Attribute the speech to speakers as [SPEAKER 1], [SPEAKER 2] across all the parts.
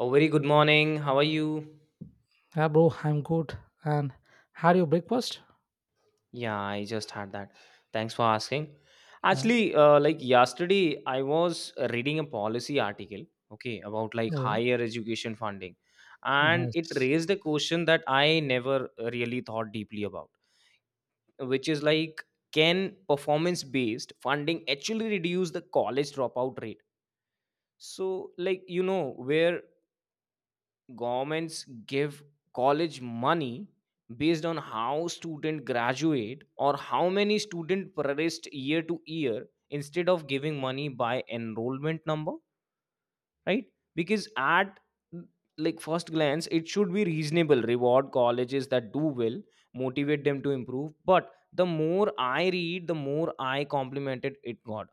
[SPEAKER 1] Oh, very good morning. How are you?
[SPEAKER 2] Yeah, bro, I'm good. And had your breakfast?
[SPEAKER 1] Yeah, I just had that. Thanks for asking.
[SPEAKER 2] Yeah.
[SPEAKER 1] Actually, like yesterday, I was reading a policy article, okay, about like
[SPEAKER 2] Oh,
[SPEAKER 1] higher education funding, and it
[SPEAKER 2] nice.
[SPEAKER 1] raised a question that I never really thought deeply about, which is like, can performance-based funding actually reduce the college dropout rate? So, like, where governments give college money based on how student graduate or how many student progressed year to year instead of giving money by enrollment number, right? Because at like first glance it should be reasonable, reward colleges that do well, motivate them to improve, but the more I read, the more I complimented it got.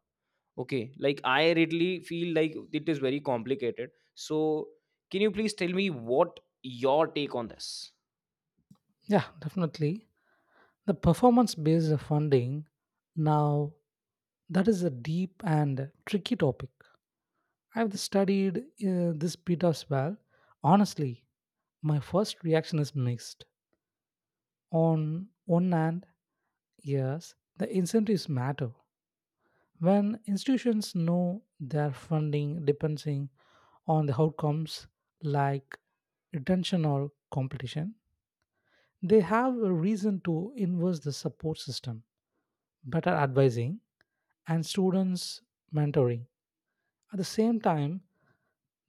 [SPEAKER 1] Okay, like I really feel like it is very complicated. So, can you please tell me what your take on this?
[SPEAKER 2] Yeah, definitely. The performance based funding, now, that is a deep and tricky topic. I've studied this bit as well. Honestly, my first reaction is mixed. On one hand, yes, the incentives matter. When institutions know their funding on the outcomes, like retention or competition, they have a reason to invest the support system, better advising, and students mentoring. At the same time,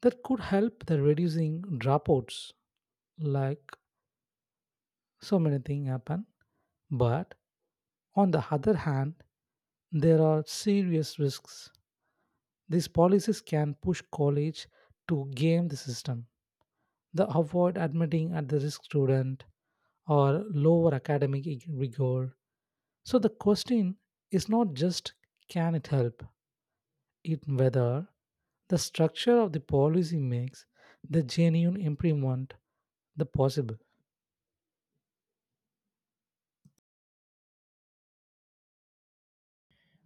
[SPEAKER 2] that could help the reducing dropouts, like so many things happen. But on the other hand, there are serious risks. These policies can push college to game the system. The avoid admitting at the risk student or lower academic rigor. So the question is not just can it help, it whether the structure of the policy makes the genuine improvement the possible.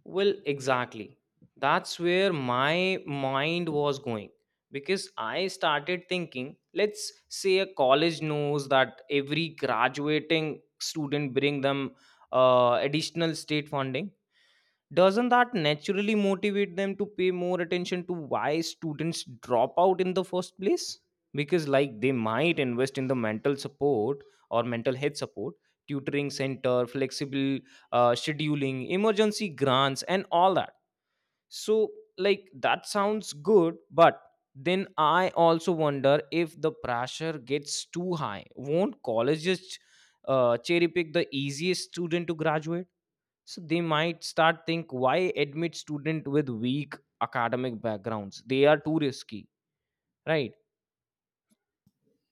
[SPEAKER 1] Well, exactly. That's where my mind was going, because I started thinking, let's say a college knows that every graduating student bring them additional state funding, doesn't that naturally motivate them to pay more attention to why students drop out in the first place, because like they might invest in the mental support or mental health support, tutoring center, flexible scheduling, emergency grants and all that. So like that sounds good, but then I also wonder, if the pressure gets too high, won't colleges cherry pick the easiest student to graduate? So they might start think, why admit student with weak academic backgrounds, they are too risky, right?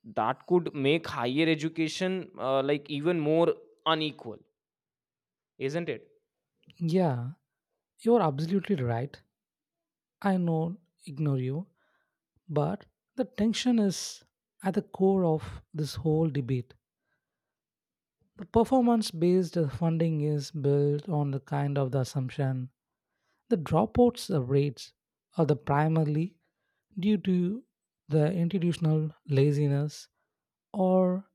[SPEAKER 1] That could make higher education like even more unequal, isn't it?
[SPEAKER 2] Yeah, you're absolutely right. I know ignore you, but the tension is at the core of this whole debate. The performance based funding is built on the kind of the assumption. The dropouts rates are the primarily due to the institutional laziness or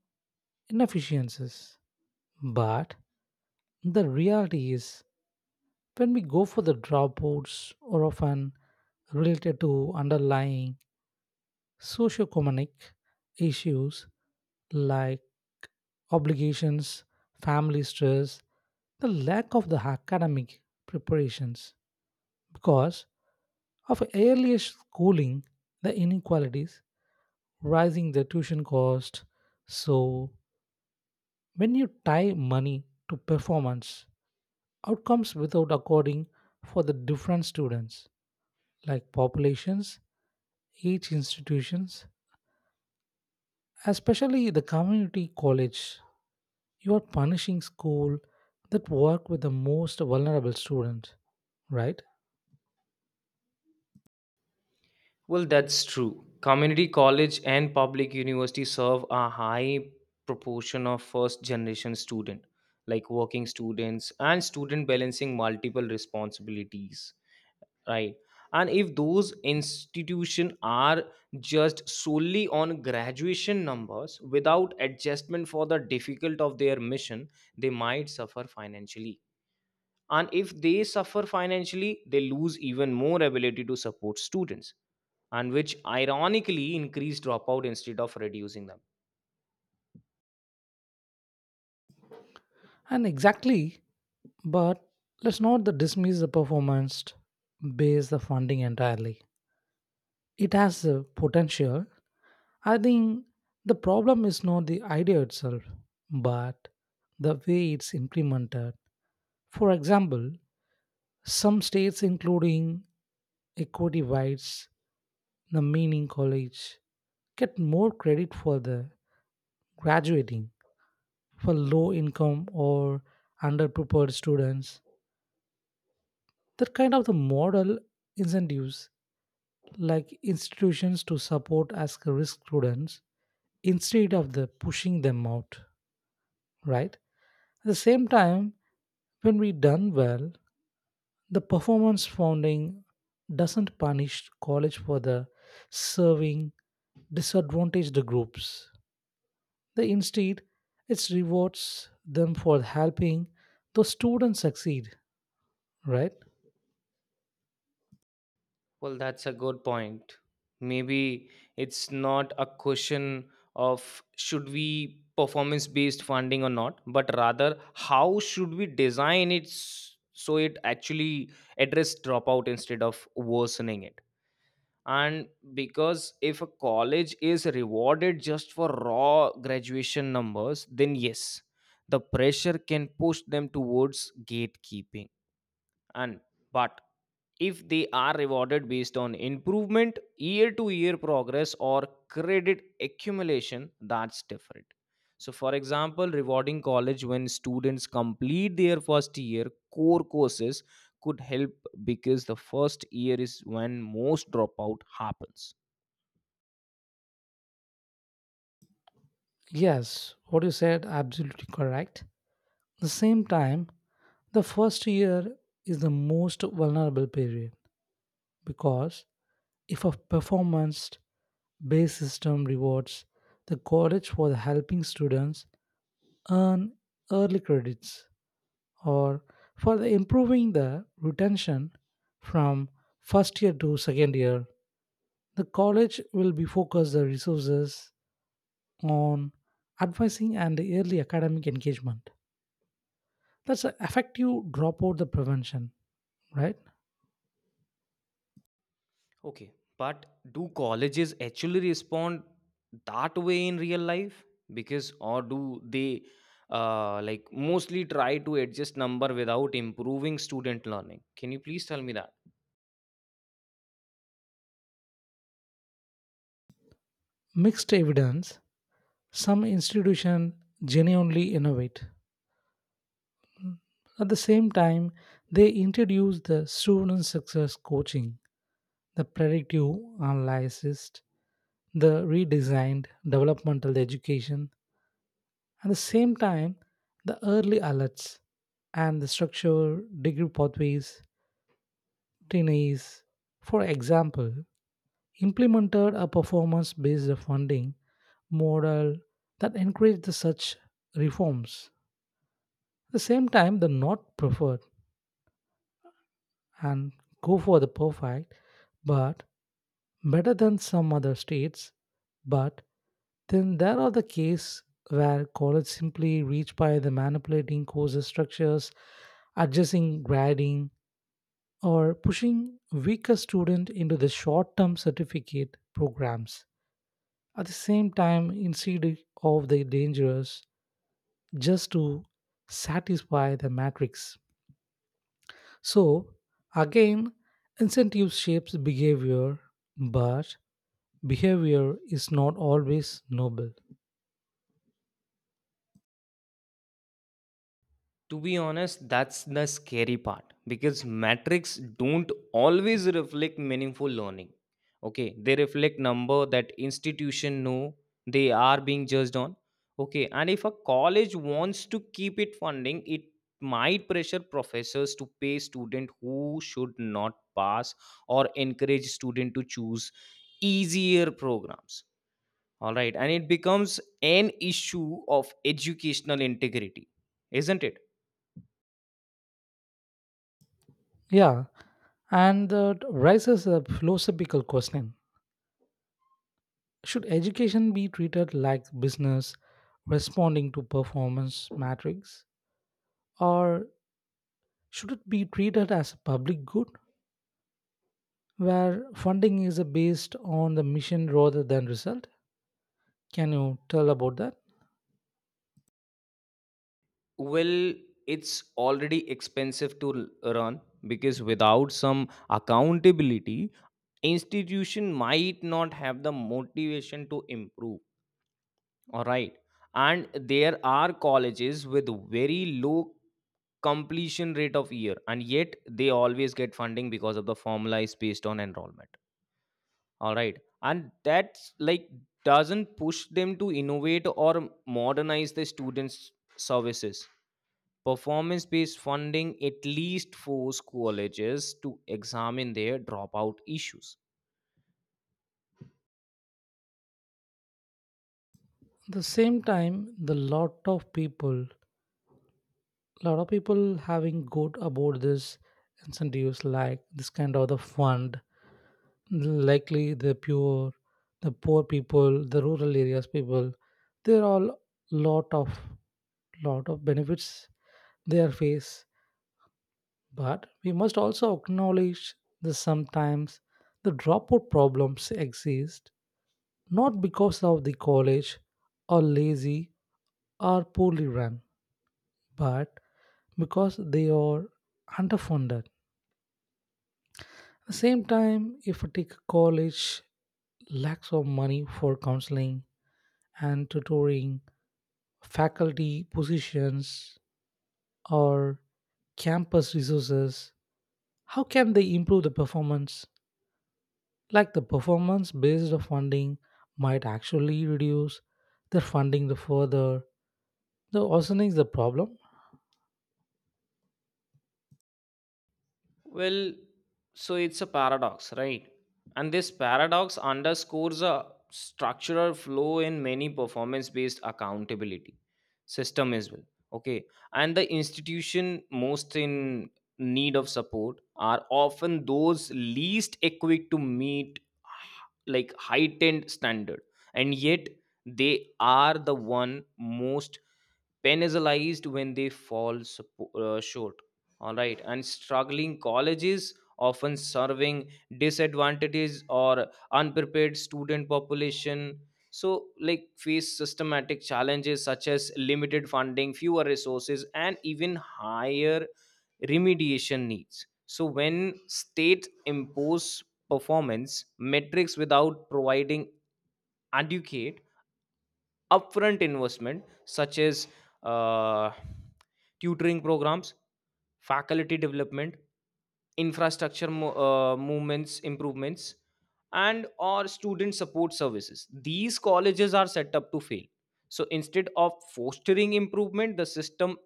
[SPEAKER 2] inefficiencies. But the reality is, when we go for the dropouts, are often related to underlying socioeconomic issues like obligations, family stress, the lack of the academic preparations. Because of earlier schooling, the inequalities, rising the tuition cost. So, when you tie money to performance, outcomes without according for the different students, like populations, each institutions, especially the community college, you are punishing school that work with the most vulnerable students, right?
[SPEAKER 1] Well, that's true. Community college and public university serve a high proportion of first generation student, like working students and student balancing multiple responsibilities, right? And if those institutions are just solely on graduation numbers without adjustment for the difficult of their mission, they might suffer financially, and if they suffer financially, they lose even more ability to support students, and which ironically increase dropout instead of reducing them.
[SPEAKER 2] And exactly, but let's not the dismiss the performance based the funding entirely. It has a potential. I think the problem is not the idea itself, but the way it's implemented. For example, some states, including equity whites, the meaning college, get more credit for the graduating for low income or underprepared students. That kind of the model incentives like institutions to support as risk students instead of the pushing them out, right? At the same time, when we done well, the performance funding doesn't punish college for the serving disadvantaged groups, the instead it rewards them for helping those students succeed, right?
[SPEAKER 1] Well, that's a good point. Maybe it's not a question of should we performance based funding or not, but rather how should we design it so it actually address dropout instead of worsening it. And because if a college is rewarded just for raw graduation numbers, then yes, the pressure can push them towards gatekeeping, and but if they are rewarded based on improvement, year to year progress or credit accumulation, that's different. So for example, rewarding college when students complete their first year core courses could help, because the first year is when most dropout happens.
[SPEAKER 2] Yes, what you said absolutely correct. The same time, the first year is the most vulnerable period, because if a performance base system rewards the college for helping students earn early credits or for the improving the retention from first year to second year. The college will be focused the resources on advising and early academic engagement. That's a effective dropout the prevention, right?
[SPEAKER 1] Okay, but do colleges actually respond that way in real life? Because, or do they like mostly try to adjust number without improving student learning? Can you please tell me that?
[SPEAKER 2] Mixed evidence. Some institutions genuinely innovate. At the same time, they introduced the student success coaching, the predictive analysis, the redesigned developmental education. At the same time, the early alerts and the structured degree pathways, trainees, for example, implemented a performance based funding model that encouraged the such reforms. At the same time, the not preferred and go for the perfect, but better than some other states, but then there are the cases where college simply reach by the manipulating courses structures, adjusting grading, or pushing weaker student into the short-term certificate programs. At the same time, instead of the dangerous, just to satisfy the matrix. So again, incentive shapes behavior, but behavior is not always noble.
[SPEAKER 1] To be honest, that's the scary part, because metrics don't always reflect meaningful learning. Okay, they reflect number that institution know they are being judged on. Okay, and if a college wants to keep it funding, it might pressure professors to pay student who should not pass, or encourage student to choose easier programs. All right, and it becomes an issue of educational integrity, isn't it?
[SPEAKER 2] Yeah, and that raises a philosophical question. Should education be treated like business responding to performance metrics? Or should it be treated as a public good where funding is based on the mission rather than result? Can you tell about that?
[SPEAKER 1] Well, it's already expensive to run, because without some accountability, institution might not have the motivation to improve. All right. And there are colleges with very low completion rate of year, and yet they always get funding because of the formula is based on enrollment. All right, and that's like doesn't push them to innovate or modernize the students services. Performance based funding at least force colleges to examine their dropout issues.
[SPEAKER 2] At the same time, the lot of people having good about this incentives like this kind of the fund, likely the pure, the poor people, the rural areas people, there are lot of lot of benefits they are face, but we must also acknowledge that sometimes the dropout problems exist not because of the college are lazy or poorly run, but because they are underfunded. At the same time, if I take a college lacks of money for counseling and tutoring, faculty positions, or campus resources, how can they improve the performance? Like the performance based of funding might actually reduce their funding the further, the worsening is the problem.
[SPEAKER 1] Well, so it's a paradox, right? And this paradox underscores a structural flaw in many performance based accountability system as well. Okay. And the institution most in need of support are often those least equipped to meet like heightened standard, and yet they are the one most penalized when they fall short. All right, and struggling colleges often serving disadvantages or unprepared student population, so like face systematic challenges such as limited funding, fewer resources and even higher remediation needs. So when state impose performance metrics without providing adequate upfront investment, such as uh, tutoring programs, faculty development, infrastructure movements improvements, and or student support services, these colleges are set up to fail. So instead of fostering improvement, the system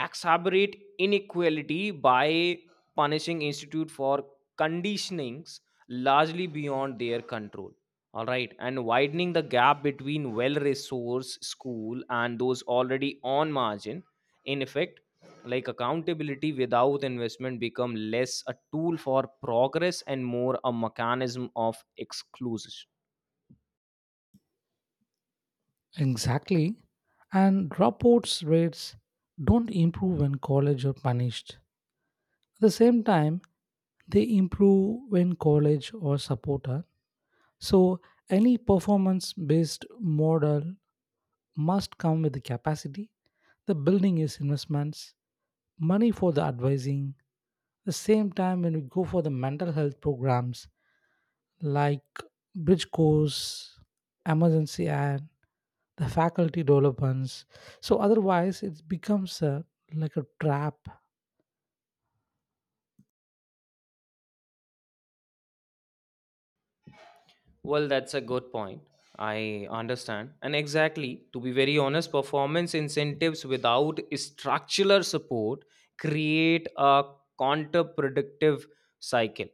[SPEAKER 1] exacerbate inequality by punishing institute for conditionings largely beyond their control. All right, and widening the gap between well resourced school and those already on margin. In effect, like accountability without investment become less a tool for progress and more a mechanism of exclusion.
[SPEAKER 2] Exactly, and dropouts rates don't improve when college are punished. At the same time, they improve when college or support are. So any performance based model must come with the capacity, the building is investments, money for the advising. The same time, when we go for the mental health programs like bridge course, emergency and the faculty developments. So otherwise it becomes a like a trap.
[SPEAKER 1] Well, that's a good point. I understand. And exactly, to be very honest, performance incentives without structural support create a counterproductive cycle.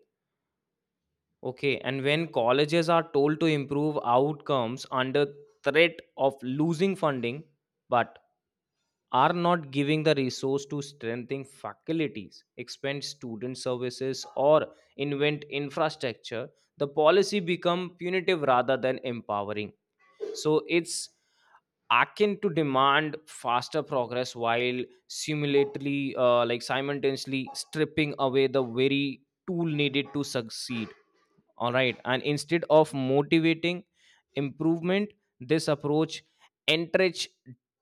[SPEAKER 1] Okay. And when colleges are told to improve outcomes under threat of losing funding, but are not giving the resource to strengthen faculties, expand student services, or invent infrastructure, the policy become punitive rather than empowering. So it's akin to demand faster progress while simulatorily like simultaneously stripping away the very tool needed to succeed. All right, and instead of motivating improvement, this approach entrench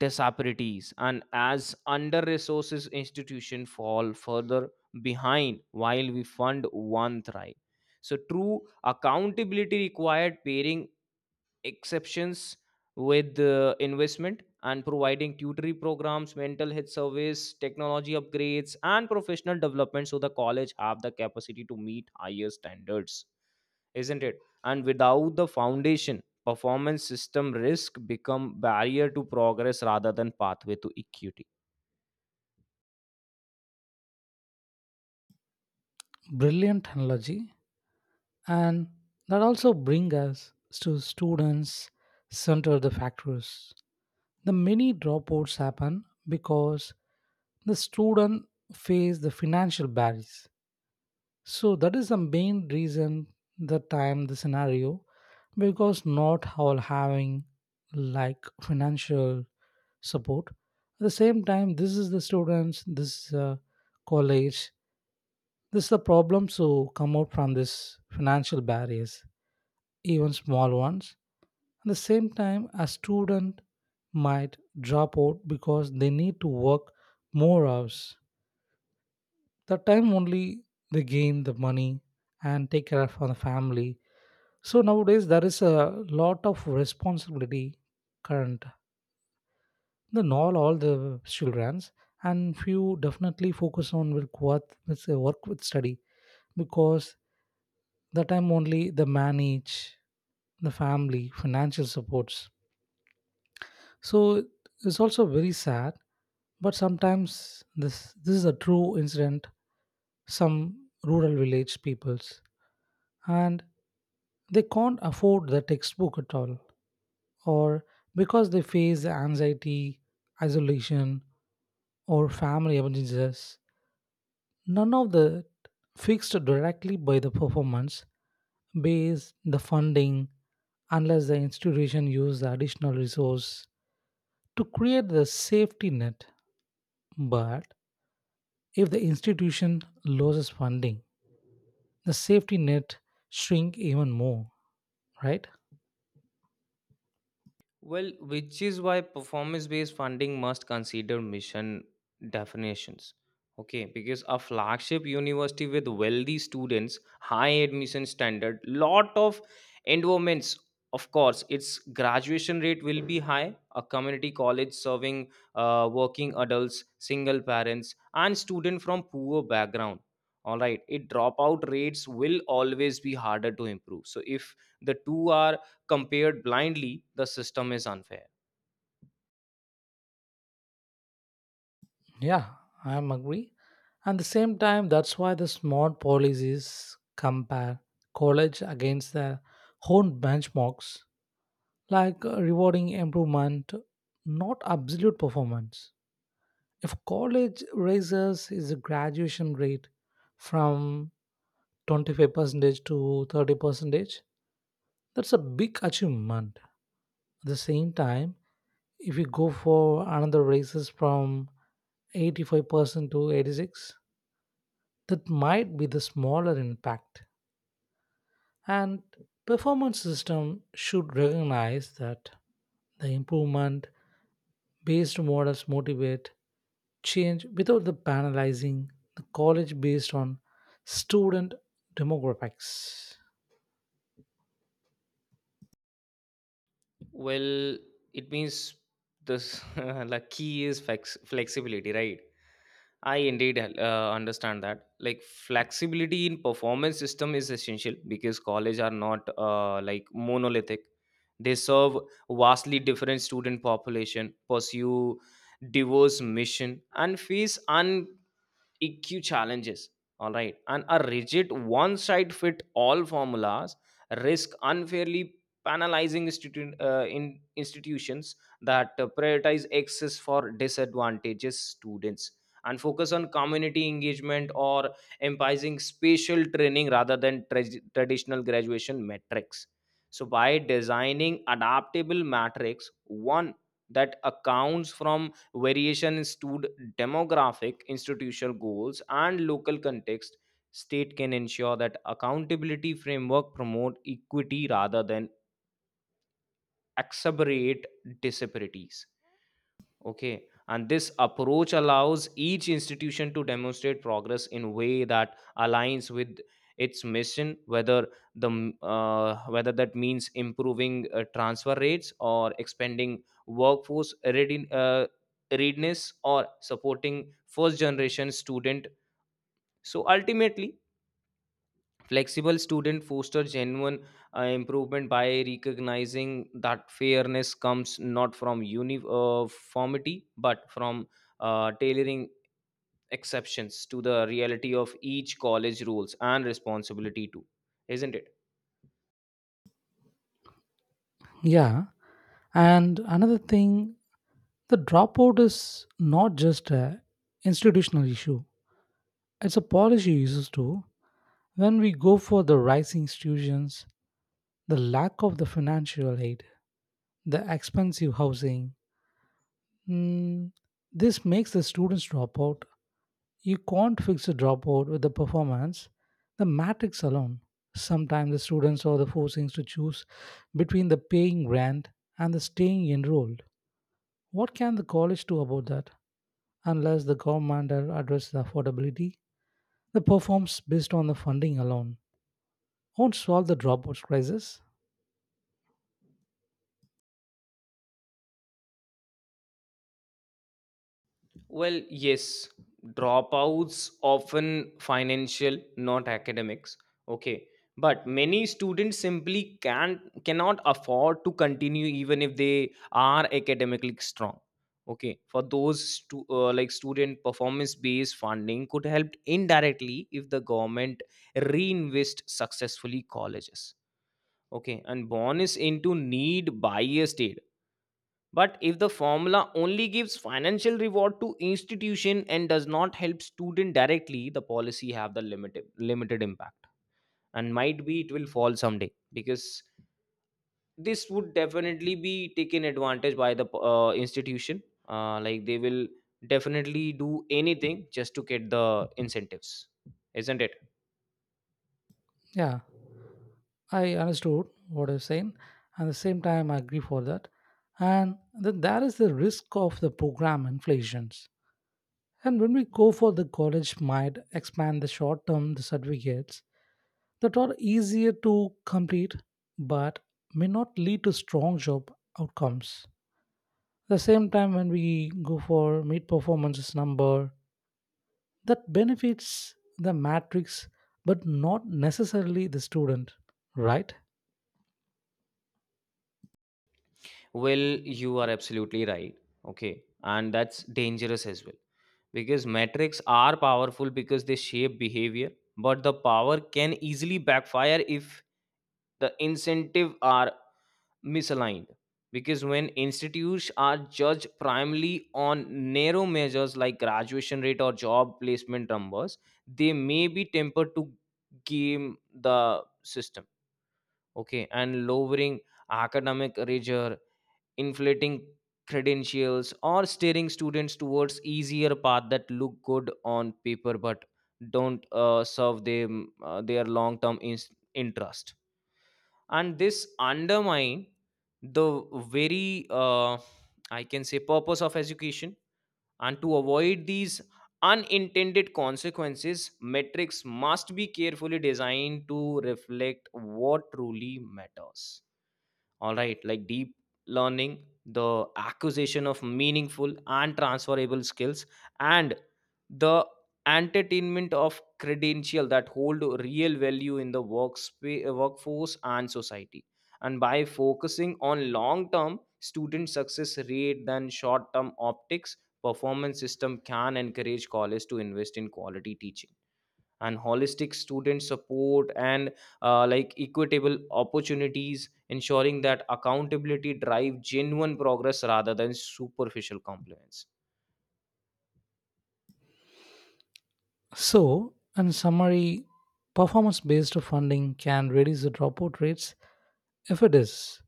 [SPEAKER 1] disparities, and as under resources institution fall further behind while we fund one thrive. So true accountability required pairing exceptions with investment and providing tutoring programs, mental health service, technology upgrades and professional development, so the college have the capacity to meet higher standards, isn't it? And without the foundation, performance system risk become barrier to progress rather than pathway to equity.
[SPEAKER 2] Brilliant analogy. And that also bring us to students center the factors. The many dropouts happen because the student face the financial barriers, so that is the main reason the time the scenario, because not all having like financial support. At the same time, this is the students, this college, this is the problem, so come out from this financial barriers, even small ones. At the same time, a student might drop out because they need to work more hours. That time only they gain the money and take care of the family. So nowadays there is a lot of responsibility current, the not all the childrens, and few definitely focus on with work with work with study, because the time only the manage the family financial supports. So it's also very sad, but sometimes this is a true incident. Some rural village peoples, and they can't afford the textbook at all, or because they face anxiety, isolation, or family emergencies. None of the fixed directly by the performance based the funding unless the institution use the additional resource to create the safety net. But if the institution loses funding, the safety net shrink even more, right?
[SPEAKER 1] Well, which is why performance based funding must consider mission definitions. Okay, because a flagship university with wealthy students, high admission standard, lot of endowments, of course, its graduation rate will be high. A community college serving working adults, single parents, and students from poor background. All right, it dropout rates will always be harder to improve. So if the two are compared blindly, the system is unfair.
[SPEAKER 2] Yeah, I'm agree. And the same time, that's why the smart policies compare college against their own benchmarks, like rewarding improvement, not absolute performance. If college raises is a graduation rate from 25% to 30%, that's a big achievement. At the same time, if you go for another raises from 85% to 86, that might be the smaller impact. And performance system should recognize that the improvement based models motivate change without the penalizing the college based on student demographics.
[SPEAKER 1] Well, it means this the key is flexibility, right? I indeed understand that like flexibility in performance system is essential, because college are not like monolithic. They serve vastly different student population, pursue diverse mission, and face un EQ challenges. All right. And a rigid one side fit all formulas risk unfairly penalizing institu- in institutions that prioritize access for disadvantaged students and focus on community engagement or emphasizing spatial training rather than traditional graduation metrics. So, by designing adaptable matrix, one that accounts from variation is to demographic institutional goals and local context, state can ensure that accountability framework promote equity rather than exacerbate disparities. Okay, and this approach allows each institution to demonstrate progress in a way that aligns with its mission, whether whether that means improving transfer rates or expanding workforce ready, readiness, or supporting first generation student. So ultimately, flexible student foster genuine improvement by recognizing that fairness comes not from uniformity but from tailoring exceptions to the reality of each college rules and responsibility too, isn't it?
[SPEAKER 2] Yeah, and another thing, the dropout is not just a institutional issue; it's a policy issue too. When we go for the rising institutions, the lack of the financial aid, the expensive housing. Mm, this makes the students drop out. You can't fix a dropout with the performance, the matrix alone. Sometimes the students are the forcings to choose between the paying rent and the staying enrolled. What can the college do about that? Unless the government addresses affordability, the performs based on the funding alone won't solve the dropouts crisis.
[SPEAKER 1] Well, yes, dropouts often financial, not academics. Okay, but many students simply can't cannot afford to continue even if they are academically strong. Okay, for those like student performance based funding could help indirectly if the government reinvest successfully colleges. Okay, and bonus into need biased aid, but if the formula only gives financial reward to institution and does not help student directly, the policy have the limited impact, and might be it will fall someday because this would definitely be taken advantage by the institution. Like they will definitely do anything just to get the incentives, isn't it?
[SPEAKER 2] Yeah, I understood what you're saying, and at the same time, I agree for that. And then there is the risk of the program inflations. And when we go for the college might expand the short term the certificates that are easier to complete but may not lead to strong job outcomes. At the same time, when we go for mid performances number that benefits the matrix but not necessarily the student, right?
[SPEAKER 1] Well, you are absolutely right. Okay. And that's dangerous as well. Because metrics are powerful because they shape behavior, but the power can easily backfire if the incentive are misaligned. Because when institutes are judged primarily on narrow measures like graduation rate or job placement numbers, they may be tempered to game the system. Okay. And lowering academic rigor, inflating credentials, or steering students towards easier path that look good on paper but don't serve them their long term interest. And this undermine the very I can say purpose of education. And to avoid these unintended consequences, metrics must be carefully designed to reflect what truly matters. All right, like deep learning, the acquisition of meaningful and transferable skills, and the entertainment of credential that hold real value in the workspace, workforce and society. And by focusing on long term student success rate than short term optics, performance system can encourage colleges to invest in quality teaching and holistic student support and like equitable opportunities, ensuring that accountability drive genuine progress rather than superficial compliance.
[SPEAKER 2] So, in summary, performance based funding can reduce the dropout rates if it is.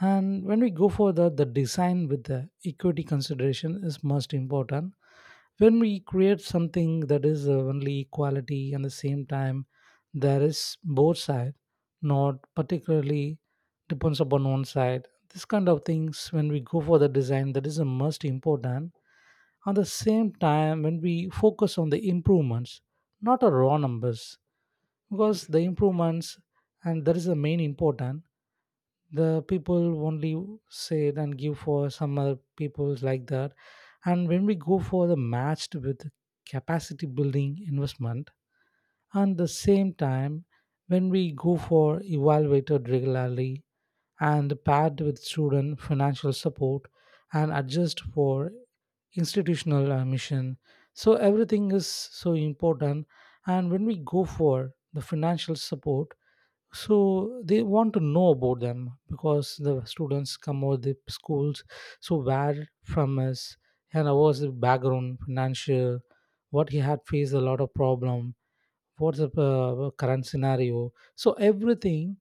[SPEAKER 2] And when we go further, the design with the equity consideration is most important. When we create something that is only equality and the same time, there is both side, not particularly depends upon one side. This kind of things, when we go for the design, that is the most important. At the same time, when we focus on the improvements, not a raw numbers, because the improvements, and that is the main important. The people only say it and give for some other people's like that. And when we go for the matched with capacity building investment, and the same time, when we go for evaluated regularly and paired with student financial support and adjust for institutional mission. So everything is so important. And when we go for the financial support, so they want to know about them because the students come over the schools. So where from us and what was the background financial, what he had faced a lot of problem, what's the current scenario. So everything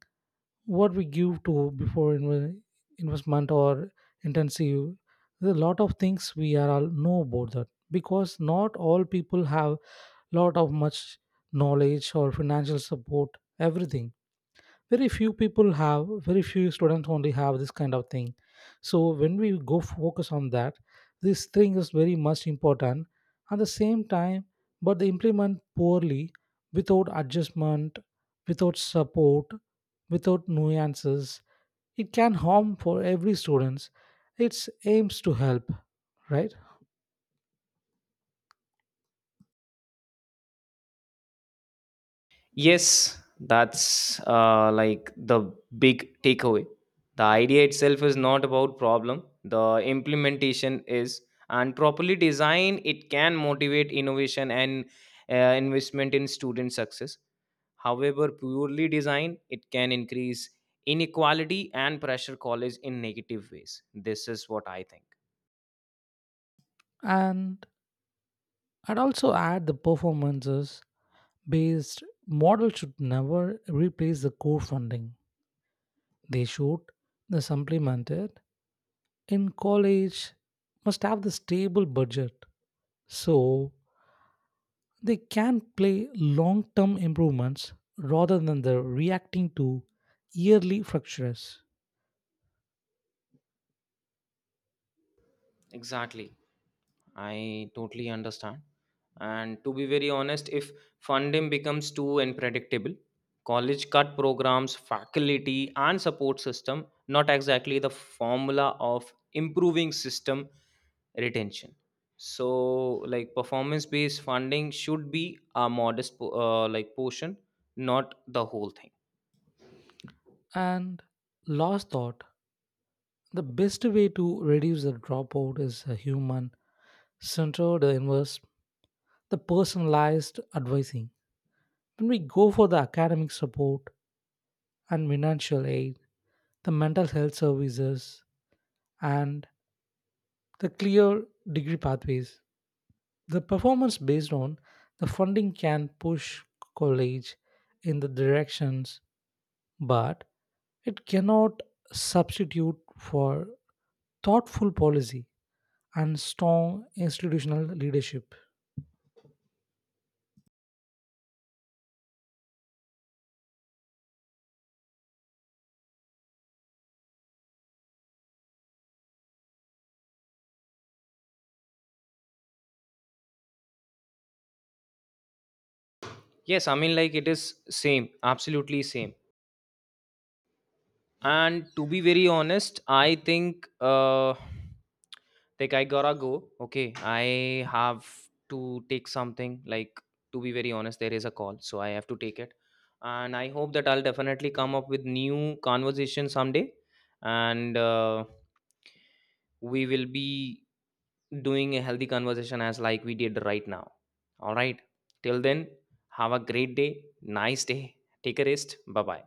[SPEAKER 2] what we give to investment or intensive, there's a lot of things we are all know about that, because not all people have lot of much knowledge or financial support, everything very few people have, very few students only have this kind of thing. So when we go focus on that, this thing is very much important. At the same time, but they implement poorly, without adjustment, without support, without nuances, it can harm for every students its aims to help, right?
[SPEAKER 1] Yes, that's like the big takeaway. The idea itself is not about problem. The implementation is, and properly designed, it can motivate innovation and investment in student success. However, poorly designed, it can increase inequality and pressure college in negative ways. This is what I think.
[SPEAKER 2] And I'd also add the performances based model should never replace the core funding. They should the supplemented in college must have the stable budget so they can play long-term improvements rather than the reacting to yearly fractures.
[SPEAKER 1] Exactly. I totally understand. And to be very honest, if funding becomes too unpredictable, college cut programs, faculty, and support system, not exactly the formula of improving system retention. So, like performance based funding should be a modest like portion, not the whole thing.
[SPEAKER 2] And last thought, the best way to reduce the dropout is a human centered inverse, the personalized advising. When we go for the academic support and financial aid, the mental health services and the clear degree pathways. The performance based on the funding can push college in the directions, but it cannot substitute for thoughtful policy and strong institutional leadership.
[SPEAKER 1] Yes, I mean, like it is same, absolutely same. And to be very honest, I think. Like I gotta go. Okay, I have to take something, like, to be very honest, there is a call, so I have to take it. And I hope that I'll definitely come up with new conversation someday, and we will be doing a healthy conversation as like we did right now. All right, till then, have a great day, nice day, take a rest, bye bye.